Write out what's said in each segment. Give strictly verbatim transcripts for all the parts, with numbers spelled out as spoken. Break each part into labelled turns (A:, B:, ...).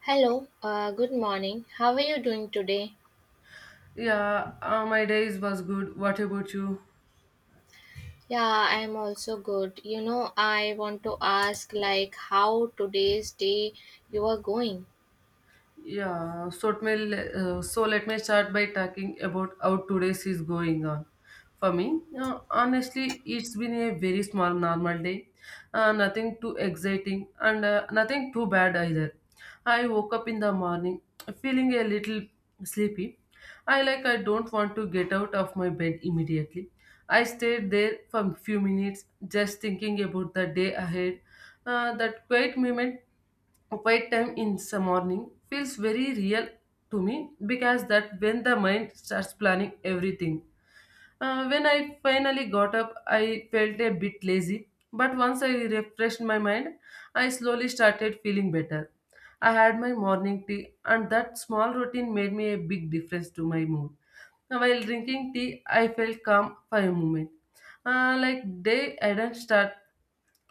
A: Hello, uh, good morning. How are you doing today?
B: Yeah, uh, my days was good. What about you?
A: Yeah, I'm also good. You know, I want to ask, like, how today's day you are going?
B: Yeah, so, it may, le- uh, so let me start by talking about how today's is going on. For me, uh, honestly, it's been a very small normal day. Uh, nothing too exciting and uh, nothing too bad either. I woke up in the morning feeling a little sleepy. I like I don't want to get out of my bed immediately. I stayed there for a few minutes just thinking about the day ahead. Uh, that quiet moment, quiet time in the morning feels very real to me because that when the mind starts planning everything. Uh, when I finally got up, I felt a bit lazy, but once I refreshed my mind, I slowly started feeling better. I had my morning tea, and that small routine made me a big difference to my mood. Now, while drinking tea, I felt calm for a moment. Uh, like day I didn't start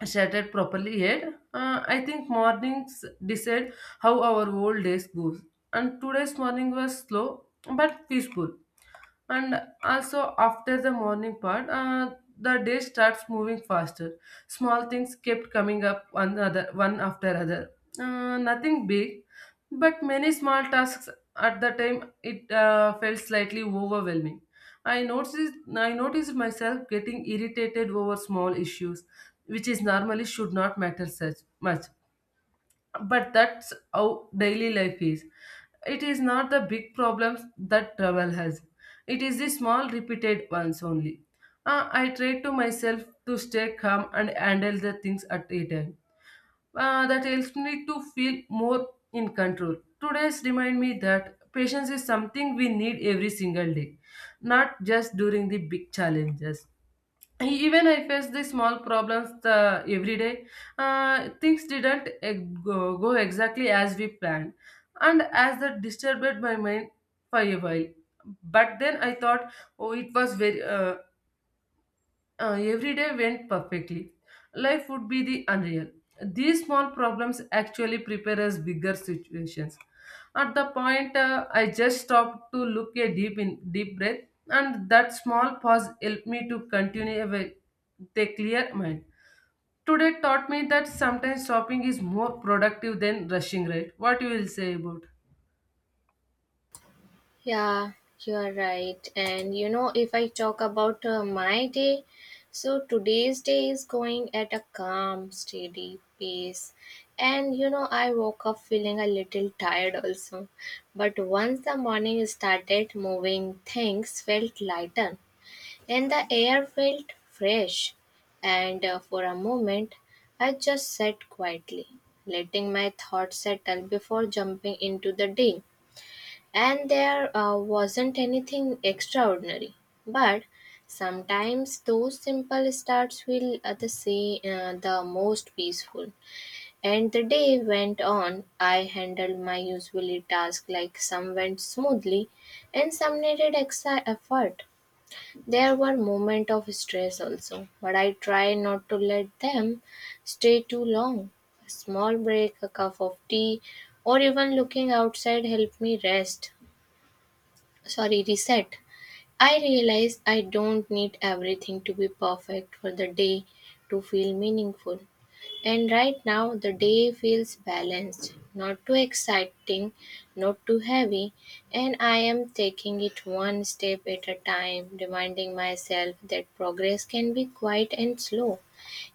B: shattered properly yet. Uh, I think mornings decide how our whole days goes. And today's morning was slow but peaceful, and also after the morning part uh, the day starts moving faster, small things kept coming up one other one after other, uh, nothing big, but many small tasks. At the time it uh, felt slightly overwhelming. I noticed i noticed myself getting irritated over small issues, which is normally should not matter such much, but that's how daily life is. It is not the big problems that travel has, it is the small repeated ones only. Uh, I try to myself to stay calm and handle the things at a time. Uh, that helps me to feel more in control. Today's remind me that patience is something we need every single day, not just during the big challenges. E, even I faced the small problems the every day. Uh, things didn't eh, go, go exactly as we planned, and as that disturbed my mind for a while. But then I thought, oh, it was very uh, uh, every day went perfectly. Life would be the unreal. These small problems actually prepare us bigger situations. At the point, uh, I just stopped to look a deep in deep breath, and that small pause helped me to continue with a clear mind. Today taught me that sometimes stopping is more productive than rushing. Right? What you will say about?
A: Yeah, you are right. And you know, if I talk about uh, my day, so today's day is going at a calm, steady pace. And you know, I woke up feeling a little tired also. But once the morning started moving, things felt lighter. And the air felt fresh, and uh, for a moment I just sat quietly, letting my thoughts settle before jumping into the day. And there uh, wasn't anything extraordinary, but sometimes those simple starts feel uh, the, say, uh, the most peaceful. And the day went on, I handled my usual task, like some went smoothly and some needed extra effort. There were moments of stress also, but I try not to let them stay too long. A small break, a cup of tea, or even looking outside help me rest. Sorry, reset. I realize I don't need everything to be perfect for the day to feel meaningful. And right now, the day feels balanced, not too exciting, not too heavy, and I am taking it one step at a time, reminding myself that progress can be quiet and slow.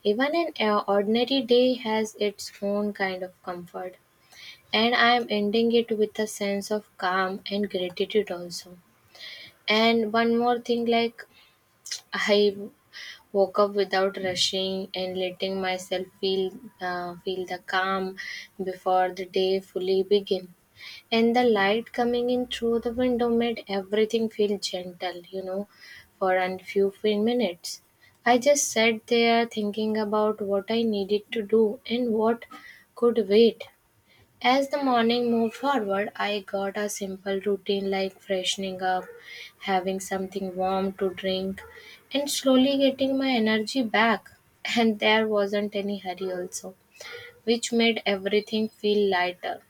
A: Even an uh, ordinary day has its own kind of comfort, and I am ending it with a sense of calm and gratitude also. And one more thing, like I woke up without rushing and letting myself feel uh, feel the calm before the day fully began. And the light coming in through the window made everything feel gentle, you know, for a few few minutes. I just sat there thinking about what I needed to do and what could wait. As the morning moved forward, I got a simple routine like freshening up, having something warm to drink, and slowly getting my energy back. And there wasn't any hurry, also, which made everything feel lighter.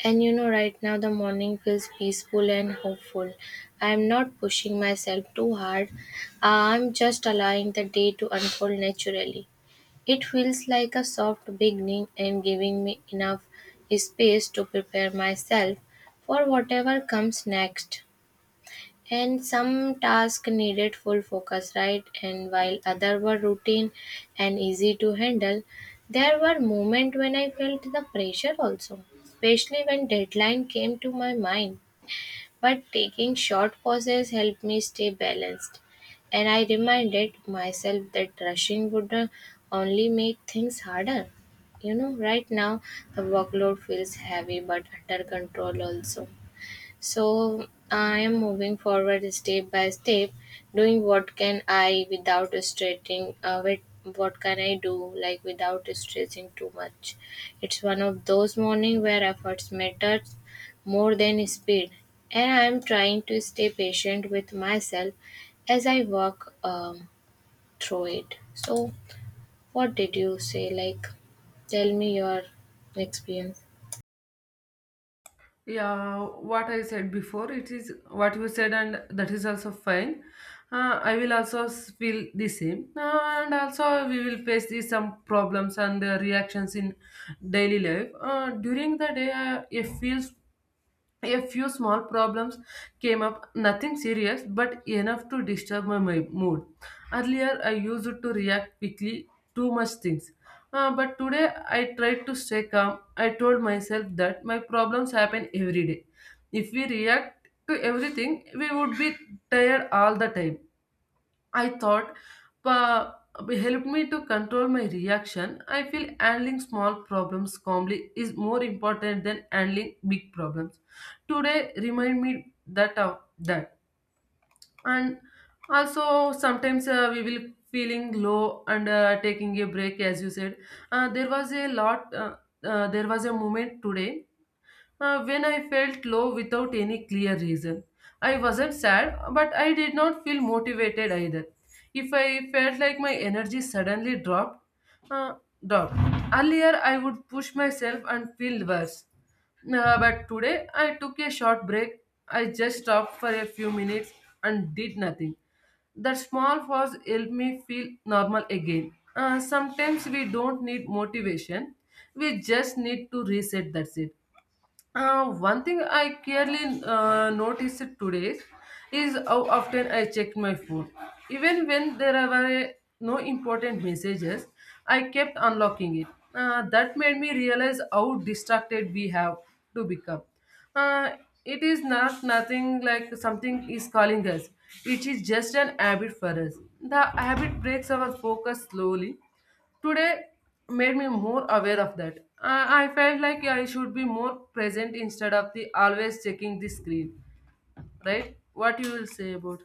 A: And you know, right now the morning feels peaceful and hopeful. I'm not pushing myself too hard, I'm just allowing the day to unfold naturally. It feels like a soft beginning and giving me enough space to prepare myself for whatever comes next, and some tasks needed full focus, right, and while other were routine and easy to handle. There were moments when I felt the pressure also, especially when deadline came to my mind, but taking short pauses helped me stay balanced, and I reminded myself that rushing would uh, only make things harder. You know, right now the workload feels heavy but under control also, so I am moving forward step by step, doing what can I without stressing. Uh, with what can I do like without stressing too much? It's one of those morning where efforts matters more than speed, and I am trying to stay patient with myself as I walk um, through it. So what did you say? Like, tell me your experience.
B: Yeah, what I said before, it is what you said, and that is also fine. Uh, I will also s- feel the same. Uh, and also we will face these some problems and uh, reactions in daily life. Uh, during the day, uh, it feels a few small problems came up, nothing serious, but enough to disturb my, my mood. Earlier, I used to react quickly to much things. Uh, but today, I tried to stay calm. I told myself that my problems happen every day. If we react to everything, we would be tired all the time. I thought uh, helped me to control my reaction. I feel handling small problems calmly is more important than handling big problems. Today remind me that of that. And also sometimes uh, we will feeling low and uh, taking a break as you said. Uh, there was a lot. Uh, uh, there was a moment today uh, when I felt low without any clear reason. I wasn't sad, but I did not feel motivated either. If I felt like my energy suddenly dropped, uh, dropped. Earlier, I would push myself and feel worse. Uh, but today, I took a short break. I just stopped for a few minutes and did nothing. That small pause helped me feel normal again. Uh, sometimes we don't need motivation, we just need to reset. That's it. Uh, one thing I clearly uh, noticed today is how often I checked my phone. Even when there were no important messages, I kept unlocking it. Uh, that made me realize how distracted we have to become. Uh, it is not nothing like something is calling us. It is just an habit for us. The habit breaks our focus slowly. Today made me more aware of that. i, I felt like I should be more present instead of the always checking the screen. Right, what you will say about?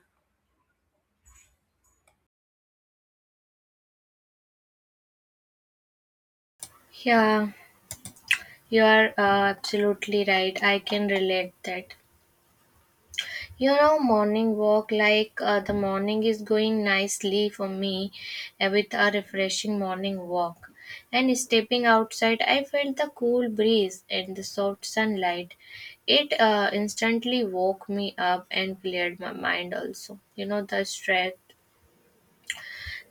A: Yeah. You are uh, absolutely right. I can relate that. You know, morning walk, like uh, the morning is going nicely for me uh, with a refreshing morning walk. And stepping outside, I felt the cool breeze and the soft sunlight. It uh, instantly woke me up and cleared my mind also. You know, the stress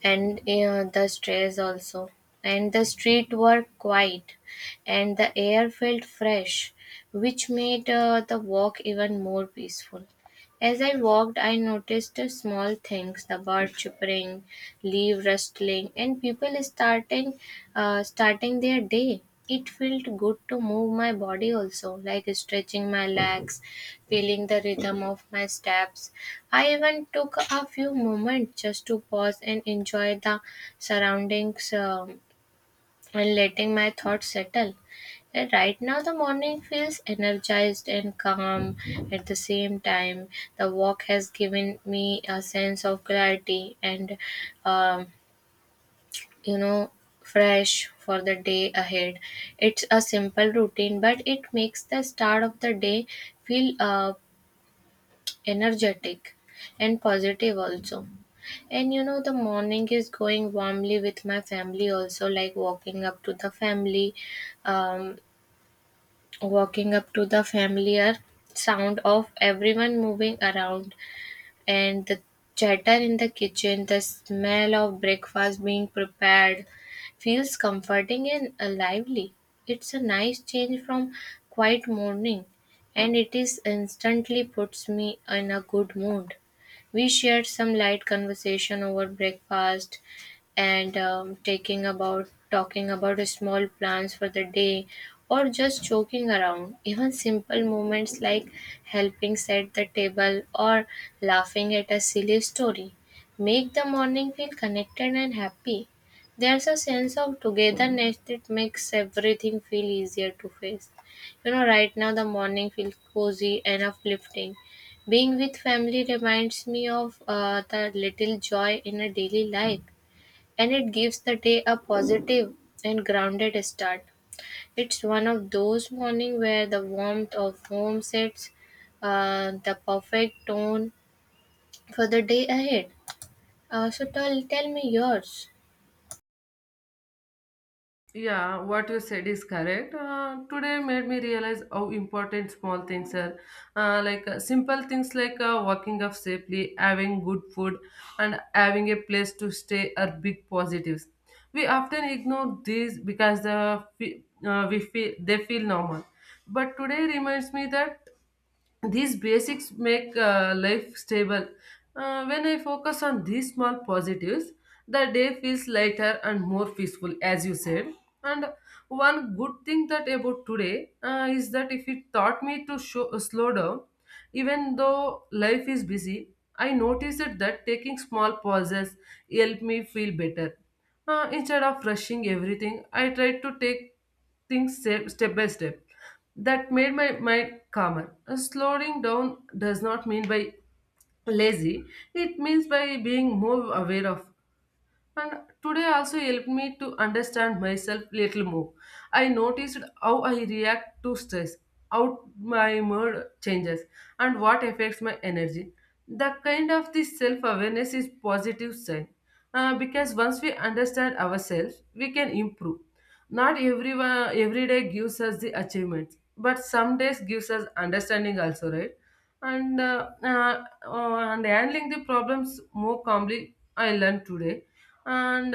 A: and uh, the stress also, and the street were quiet and the air felt fresh, which made uh, the walk even more peaceful. As I walked, I noticed uh, small things, the bird chirping, leaf rustling, and people starting uh, starting their day. It felt good to move my body also, like stretching my legs, feeling the rhythm of my steps. I even took a few moments just to pause and enjoy the surroundings, um, and letting my thoughts settle. And right now, the morning feels energized and calm at the same time. The walk has given me a sense of clarity and, um, you know, fresh for the day ahead. It's a simple routine, but it makes the start of the day feel uh, energetic and positive also. And you know, the morning is going warmly with my family also, like walking up to the family, um, walking up to the familiar sound of everyone moving around, and the chatter in the kitchen, the smell of breakfast being prepared feels comforting and uh, lively. It's a nice change from quiet morning, and it is instantly puts me in a good mood. We shared some light conversation over breakfast and um, taking about talking about small plans for the day, or just joking around. Even simple moments like helping set the table or laughing at a silly story make the morning feel connected and happy. There's a sense of togetherness that makes everything feel easier to face. You know, right now the morning feels cozy and uplifting. Being with family reminds me of uh, the little joy in a daily life, and it gives the day a positive and grounded start. It's one of those mornings where the warmth of home sets uh, the perfect tone for the day ahead. Uh, so tell, tell me yours.
B: Yeah, what you said is correct. Uh, today made me realize how important small things are. Uh, like uh, simple things like uh, walking up safely, having good food, and having a place to stay are big positives. We often ignore these because the fe- uh, we feel they feel normal. But today reminds me that these basics make uh, life stable. Uh, when I focus on these small positives, the day feels lighter and more peaceful, as you said. And one good thing that about today uh, is that if it taught me to show, uh, slow down, even though life is busy. I noticed that, taking small pauses helped me feel better. Uh, instead of rushing everything, I tried to take things step, step by step. That made my mind calmer. Uh, Slowing down does not mean by lazy, it means by being more aware of. And today also helped me to understand myself little more. I noticed how I react to stress, how my mood changes, and what affects my energy. The kind of this self-awareness is positive sign. Uh, because once we understand ourselves, we can improve. Not everyone every day gives us the achievements, but some days gives us understanding also, right? And uh, uh, uh, and handling the problems more calmly, I learned today. And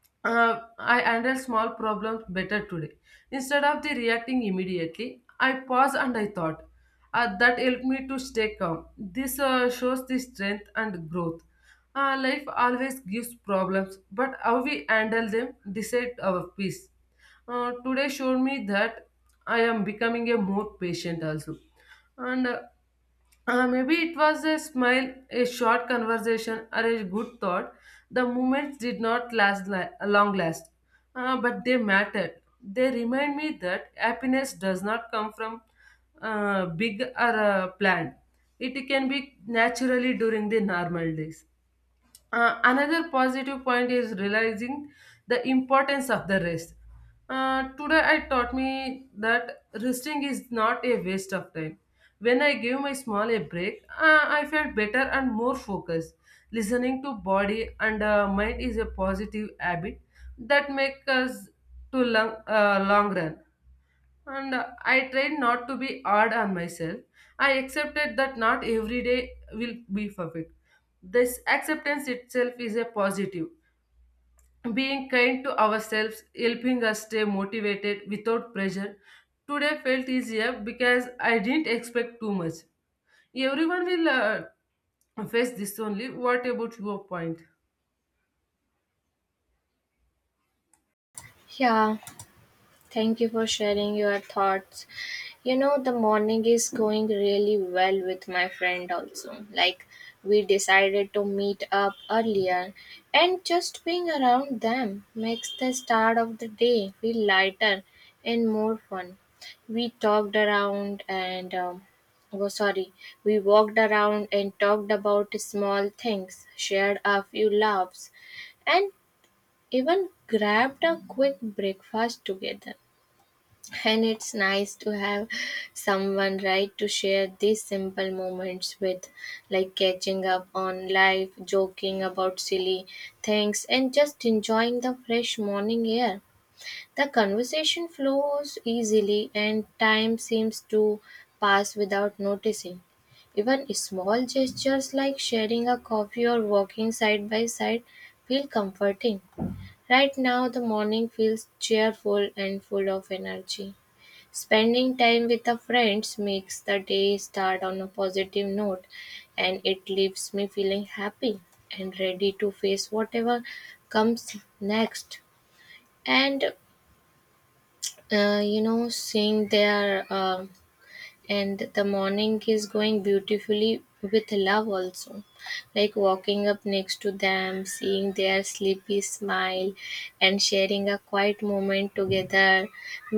B: uh, I handle small problems better today. Instead of the reacting immediately, I pause and I thought. Uh, that helped me to stay calm. This uh, shows the strength and growth. Uh, life always gives problems, but how we handle them decide our peace. Uh, today showed me that I am becoming a more patient also. And uh, uh, Maybe it was a smile, a short conversation, or a good thought. The moments did not last li- long last, uh, but they mattered. They remind me that happiness does not come from uh, big or uh, planned. It can be naturally during the normal days. Uh, another positive point is realizing the importance of the rest. Uh, today, I taught me that resting is not a waste of time. When I gave my small a break, uh, I felt better and more focused. Listening to body and uh, mind is a positive habit that makes us to long, uh, long run. And uh, I tried not to be hard on myself. I accepted that not every day will be perfect. This acceptance itself is a positive. Being kind to ourselves, helping us stay motivated without pressure. Today felt easier because I didn't expect too much. Everyone will uh, face this only. What about your point?
A: Yeah, thank you for sharing your thoughts. You know, the morning is going really well with my friend also. Like, we decided to meet up earlier, and just being around them makes the start of the day feel lighter and more fun. We talked around and, um, oh, sorry, We walked around and talked about small things, shared a few laughs, and even grabbed a quick breakfast together. And it's nice to have someone, right, to share these simple moments with, like catching up on life, joking about silly things, and just enjoying the fresh morning air. The conversation flows easily, and time seems to pass without noticing. Even small gestures like sharing a coffee or walking side by side feel comforting. Right now, the morning feels cheerful and full of energy. Spending time with the friends makes the day start on a positive note, and it leaves me feeling happy and ready to face whatever comes next. And uh, you know, seeing their uh, and the morning is going beautifully with love also, like walking up next to them, seeing their sleepy smile and sharing a quiet moment together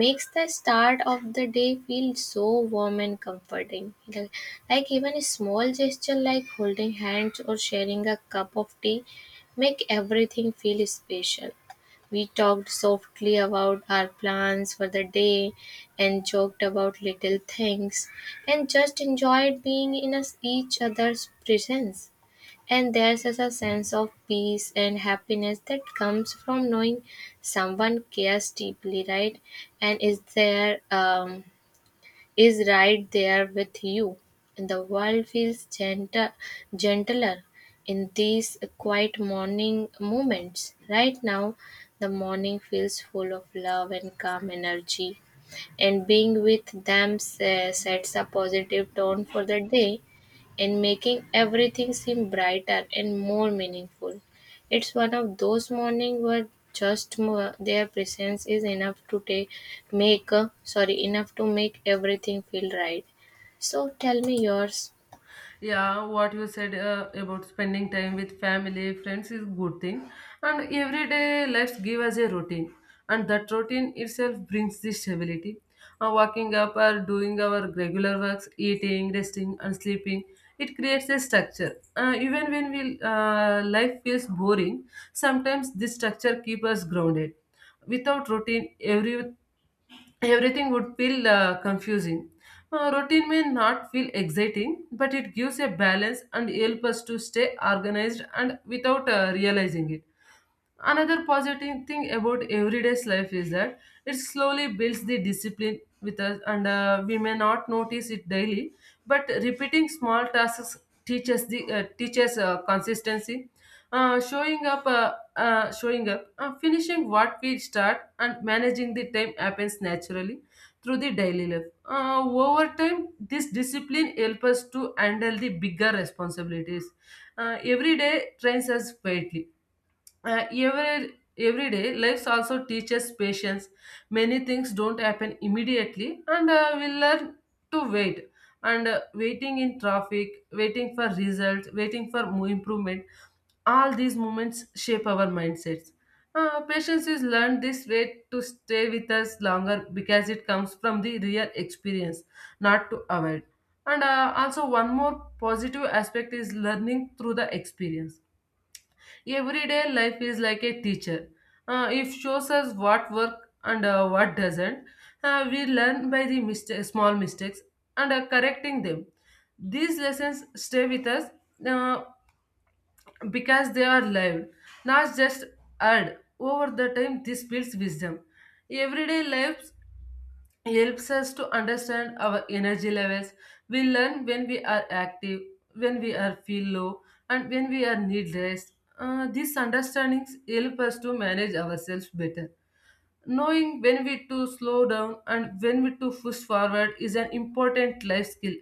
A: makes the start of the day feel so warm and comforting. Like, like even a small gesture like holding hands or sharing a cup of tea make everything feel special. We talked softly about our plans for the day and joked about little things and just enjoyed being in us- each other's presence. And there's such a sense of peace and happiness that comes from knowing someone cares deeply, right? And is there, um, is right there with you. And the world feels gentle, gentler in these quiet morning moments. Right now, the morning feels full of love and calm energy, and being with them sa- sets a positive tone for the day and making everything seem brighter and more meaningful. It's one of those mornings where just mo- their presence is enough to take make uh, sorry enough to make everything feel right. So tell me yours.
B: Yeah, what you said uh, about spending time with family friends is good thing. And every day life give us a routine, and that routine itself brings this stability. Uh, waking up or doing our regular works, eating, resting and sleeping, it creates a structure. Uh, even when we uh, Life feels boring sometimes, this structure keeps us grounded. Without routine, every everything would feel uh, confusing. Uh, routine may not feel exciting, but it gives a balance and help us to stay organized and without uh, realizing it. Another positive thing about everyday's life is that it slowly builds the discipline with us, and uh, we may not notice it daily, but repeating small tasks teaches the uh, teaches uh, consistency, uh, showing up, uh, uh, showing up, uh, finishing what we start, and managing the time happens naturally through the daily life. Uh, over time, this discipline helps us to handle the bigger responsibilities. Uh, every day trains us quietly uh, every every day life also teaches patience. Many things don't happen immediately, and uh, we learn to wait. And uh, waiting in traffic, waiting for results, waiting for mo- improvement, all these moments shape our mindsets. Uh, patience is learned this way to stay with us longer because it comes from the real experience, not to avoid. And uh, also one more positive aspect is learning through the experience. Everyday life is like a teacher. Uh, it shows us what works and uh, what doesn't. Uh, we learn by the mistake, small mistakes and uh, correcting them. These lessons stay with us uh, because they are lived, not just heard. Over the time, this builds wisdom. Everyday life helps us to understand our energy levels. We learn when we are active, when we are feel low, and when we are need rest. Uh, these understandings help us to manage ourselves better. Knowing when we to slow down and when we to push forward is an important life skill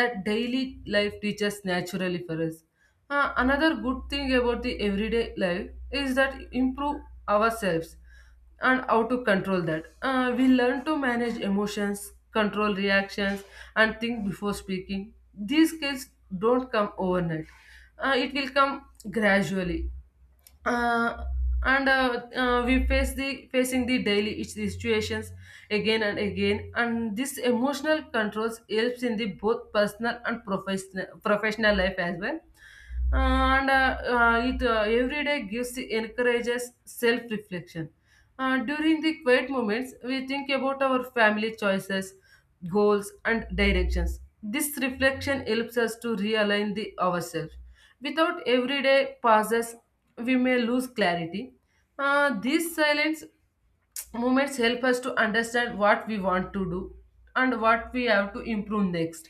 B: that daily life teaches naturally for us. Uh, another good thing about the everyday life is that improve ourselves and how to control that. Uh, we learn to manage emotions, control reactions, and think before speaking. These skills don't come overnight. Uh, it will come gradually, uh, and uh, uh, we face the facing the daily each the situations again and again, and this emotional controls helps in the both personal and professional professional life as well. Uh, and uh, uh, it uh, Every day gives the encourages self reflection uh, during the quiet moments. We think about our family choices, goals, and directions. This reflection helps us to realign the ourselves. Without everyday pauses, we may lose clarity. Uh, this silence movements help us to understand what we want to do and what we have to improve next.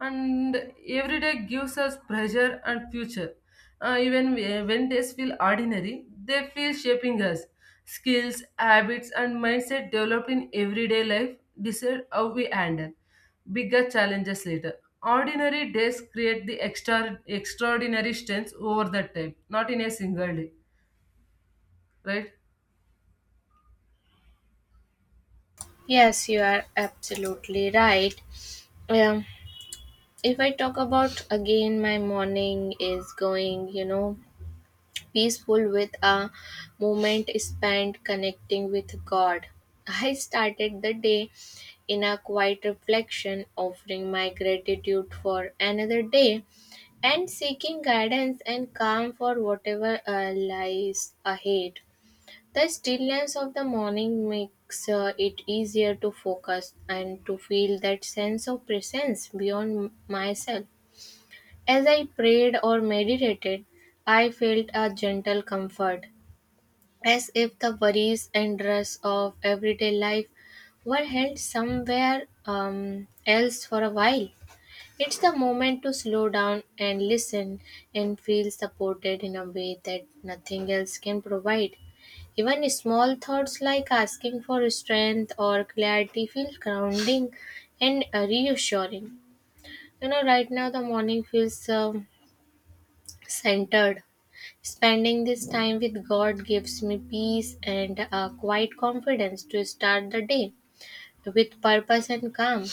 B: And every day gives us pressure and future. Uh, even whe- when days feel ordinary, they feel shaping us. Skills, habits, and mindset developed in everyday life decide how we handle bigger challenges later. Ordinary days create the extra extraordinary strengths over the time, not in a single day, right?
A: Yes, you are absolutely right. Um, if I talk about again, my morning is going, you know, peaceful with a moment spent connecting with God. I started the day in a quiet reflection, offering my gratitude for another day and seeking guidance and calm for whatever uh, lies ahead. The stillness of the morning makes uh, it easier to focus and to feel that sense of presence beyond myself. As I prayed or meditated, I felt a gentle comfort, as if the worries and stress of everyday life were held somewhere um, else for a while. It's the moment to slow down and listen and feel supported in a way that nothing else can provide. Even small thoughts like asking for strength or clarity feel grounding and uh, reassuring. You know, right now the morning feels um, centered. Spending this time with God gives me peace and a quiet confidence to start the day with purpose and calm.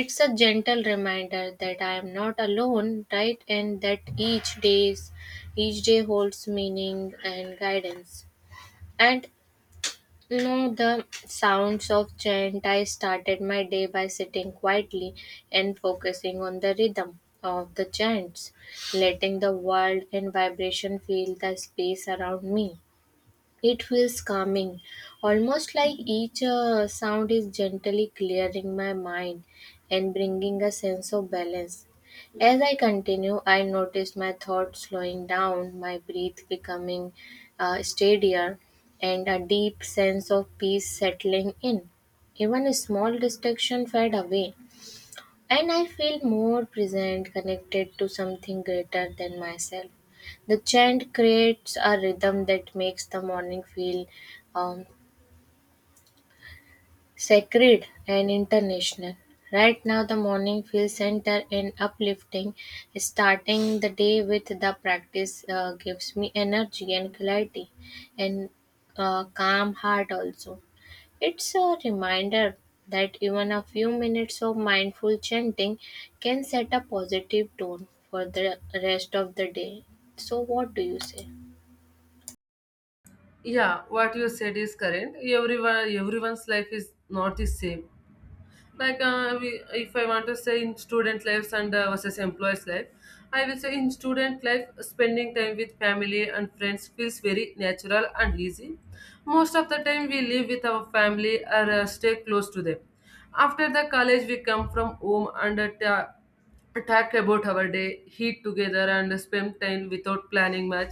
A: It's a gentle reminder that I am not alone, right, and that each day's each day holds meaning and guidance. And no, the sounds of chant. I started my day by sitting quietly and focusing on the rhythm of the chants, letting the world and vibration fill the space around me. It feels calming, almost like each uh, sound is gently clearing my mind and bringing a sense of balance. As I continue, I notice my thoughts slowing down, my breath becoming uh, steadier, and a deep sense of peace settling in. Even a small distraction fade away, and I feel more present, connected to something greater than myself. The chant creates a rhythm that makes the morning feel um, sacred and international. Right now, the morning feels centered and uplifting. Starting the day with the practice uh, gives me energy and clarity and uh, calm heart also. It's a reminder that even a few minutes of mindful chanting can set a positive tone for the rest of the day. So, what do you say?
B: Yeah, what you said is correct. Everyone, everyone's life is not the same. Like, uh, we, if I want to say in student lives and, uh, versus employees' life, I will say in student life, spending time with family and friends feels very natural and easy. Most of the time, we live with our family or uh, stay close to them. After the college, we come from home and uh, ta- talk about our day, eat together, and spend time without planning much.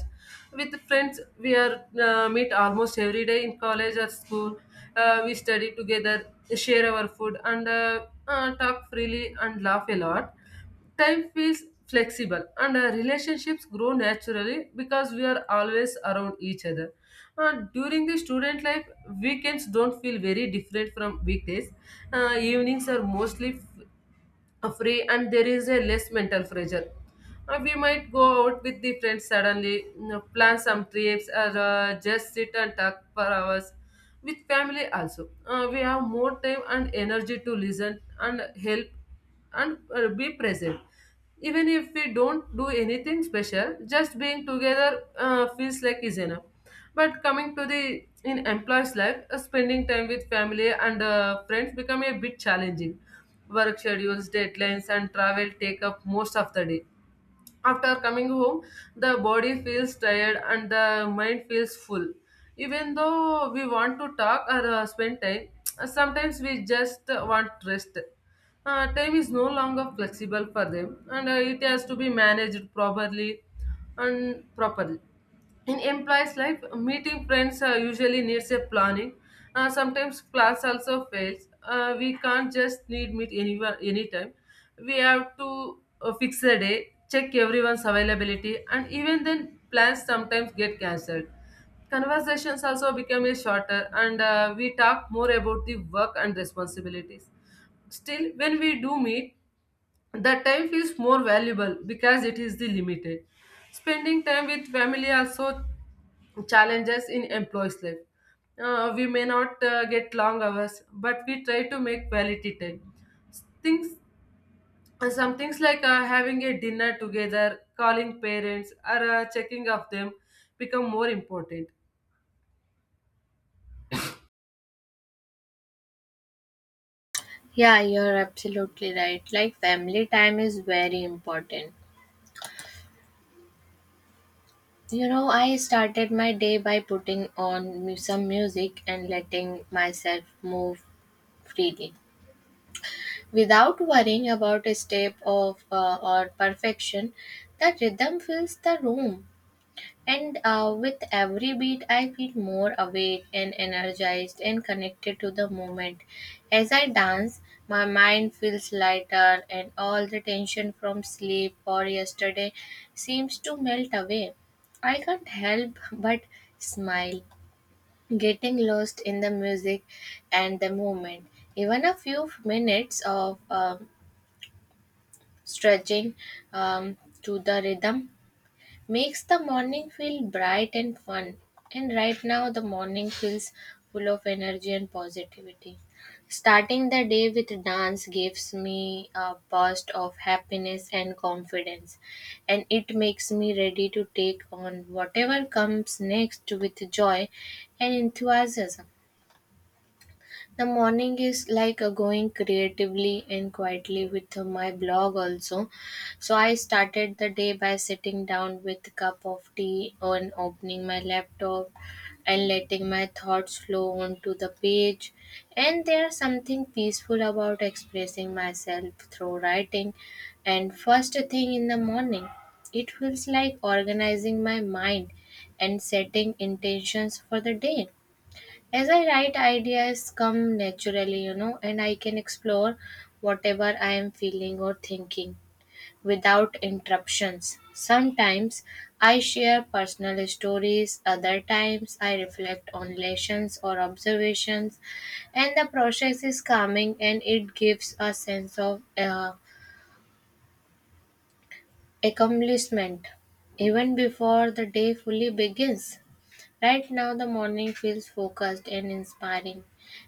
B: With friends, we are uh, meet almost every day in college or school. Uh, we study together, share our food, and uh, uh, talk freely and laugh a lot. Time feels flexible, and uh, relationships grow naturally because we are always around each other. Uh, during the student life, weekends don't feel very different from weekdays. Uh, evenings are mostly uh, free, and there is a less mental pressure. Uh, we might go out with the friends suddenly, you know, plan some trips, or uh, just sit and talk for hours. With family also, uh, we have more time and energy to listen and help and uh, be present. Even if we don't do anything special, just being together uh, feels like is enough. But coming to the in employees life, uh, spending time with family and uh, friends become a bit challenging. Work schedules, deadlines, and travel take up most of the day. After coming home, the body feels tired and the mind feels full. Even though we want to talk or uh, spend time, uh, sometimes we just uh, want rest. Uh, time is no longer flexible for them, and uh, it has to be managed properly and properly. In employees life, meeting friends uh, usually needs a planning. Uh, sometimes plans also fails. Uh, we can't just need meet anyone anytime. We have to uh, fix a day, check everyone's availability, and even then plans sometimes get cancelled. Conversations also become a shorter, and uh, we talk more about the work and responsibilities. Still, when we do meet, the time feels more valuable because it is the limited. Spending time with family also challenges in employees life. Uh, we may not uh, get long hours, but we try to make quality time. Things some things like uh, having a dinner together, calling parents, or uh, checking of them become more important.
A: Yeah, you're absolutely right. Like, family time is very important. You know, I started my day by putting on mu- some music and letting myself move freely. Without worrying about a step of uh, or perfection, the rhythm fills the room. And uh, with every beat, I feel more awake and energized and connected to the moment. As I dance, my mind feels lighter, and all the tension from sleep or yesterday seems to melt away. I can't help but smile, getting lost in the music and the moment. Even a few minutes of um stretching um, to the rhythm makes the morning feel bright and fun. And right now, the morning feels full of energy and positivity. Starting the day with dance gives me a burst of happiness and confidence, and it makes me ready to take on whatever comes next with joy and enthusiasm. The morning is like a going creatively and quietly with uh, my blog also. So I started the day by sitting down with a cup of tea and opening my laptop and letting my thoughts flow onto the page. And there's something peaceful about expressing myself through writing. And first thing in the morning, it feels like organizing my mind and setting intentions for the day. As I write, ideas come naturally, you know, and I can explore whatever I am feeling or thinking without interruptions. Sometimes I share personal stories, other times I reflect on lessons or observations, and the process is calming and it gives a sense of uh, accomplishment even before the day fully begins. Right now, the morning feels focused and inspiring,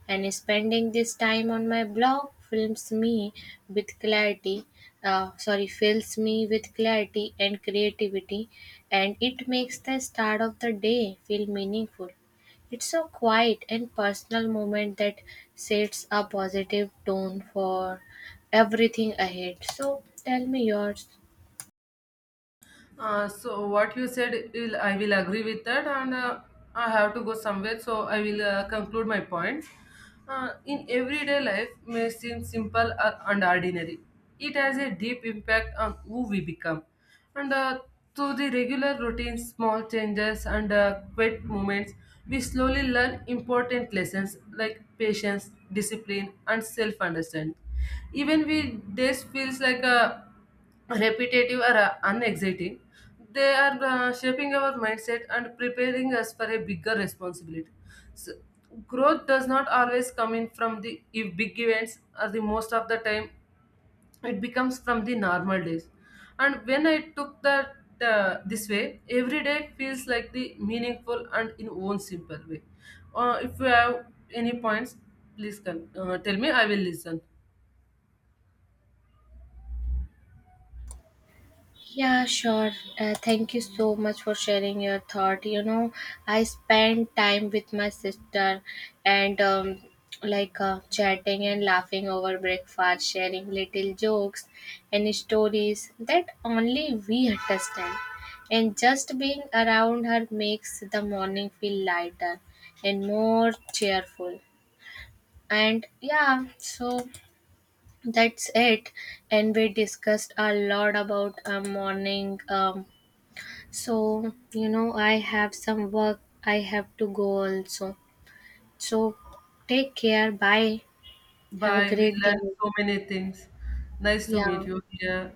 A: and spending this time on my blog fills me with clarity. Uh, sorry, fills me with clarity and creativity, and it makes the start of the day feel meaningful. It's a quiet and personal moment that sets a positive tone for everything ahead. So, tell me yours.
B: Uh, so what you said, will- I will agree with that, and uh, I have to go somewhere, so I will uh, conclude my points. Uh, in everyday life, may seem simple or- and ordinary. It has a deep impact on who we become, and uh, through the regular routines, small changes, and uh, quiet moments, we slowly learn important lessons like patience, discipline, and self-understanding. Even we days feels like a repetitive or uh, unexciting, they are uh, shaping our mindset and preparing us for a bigger responsibility. So, growth does not always come in from the ev- big events, or the most of the time, it becomes from the normal days. And when I took that uh, this way, every day feels like the meaningful and in own simple way. Uh, if you have any points, please con- uh, tell me. I will listen.
A: Yeah, sure. Uh, thank you so much for sharing your thought. You know, I spent time with my sister and um, like uh, chatting and laughing over breakfast, sharing little jokes and stories that only we understand. And just being around her makes the morning feel lighter and more cheerful. And yeah, so that's it, and we discussed a lot about uh, morning um, so, you know, I have some work I have to go also. So, take care. Bye. Have a
B: Bye. We
A: great day.
B: learned so many things. Nice to meet
A: Yeah.
B: you here.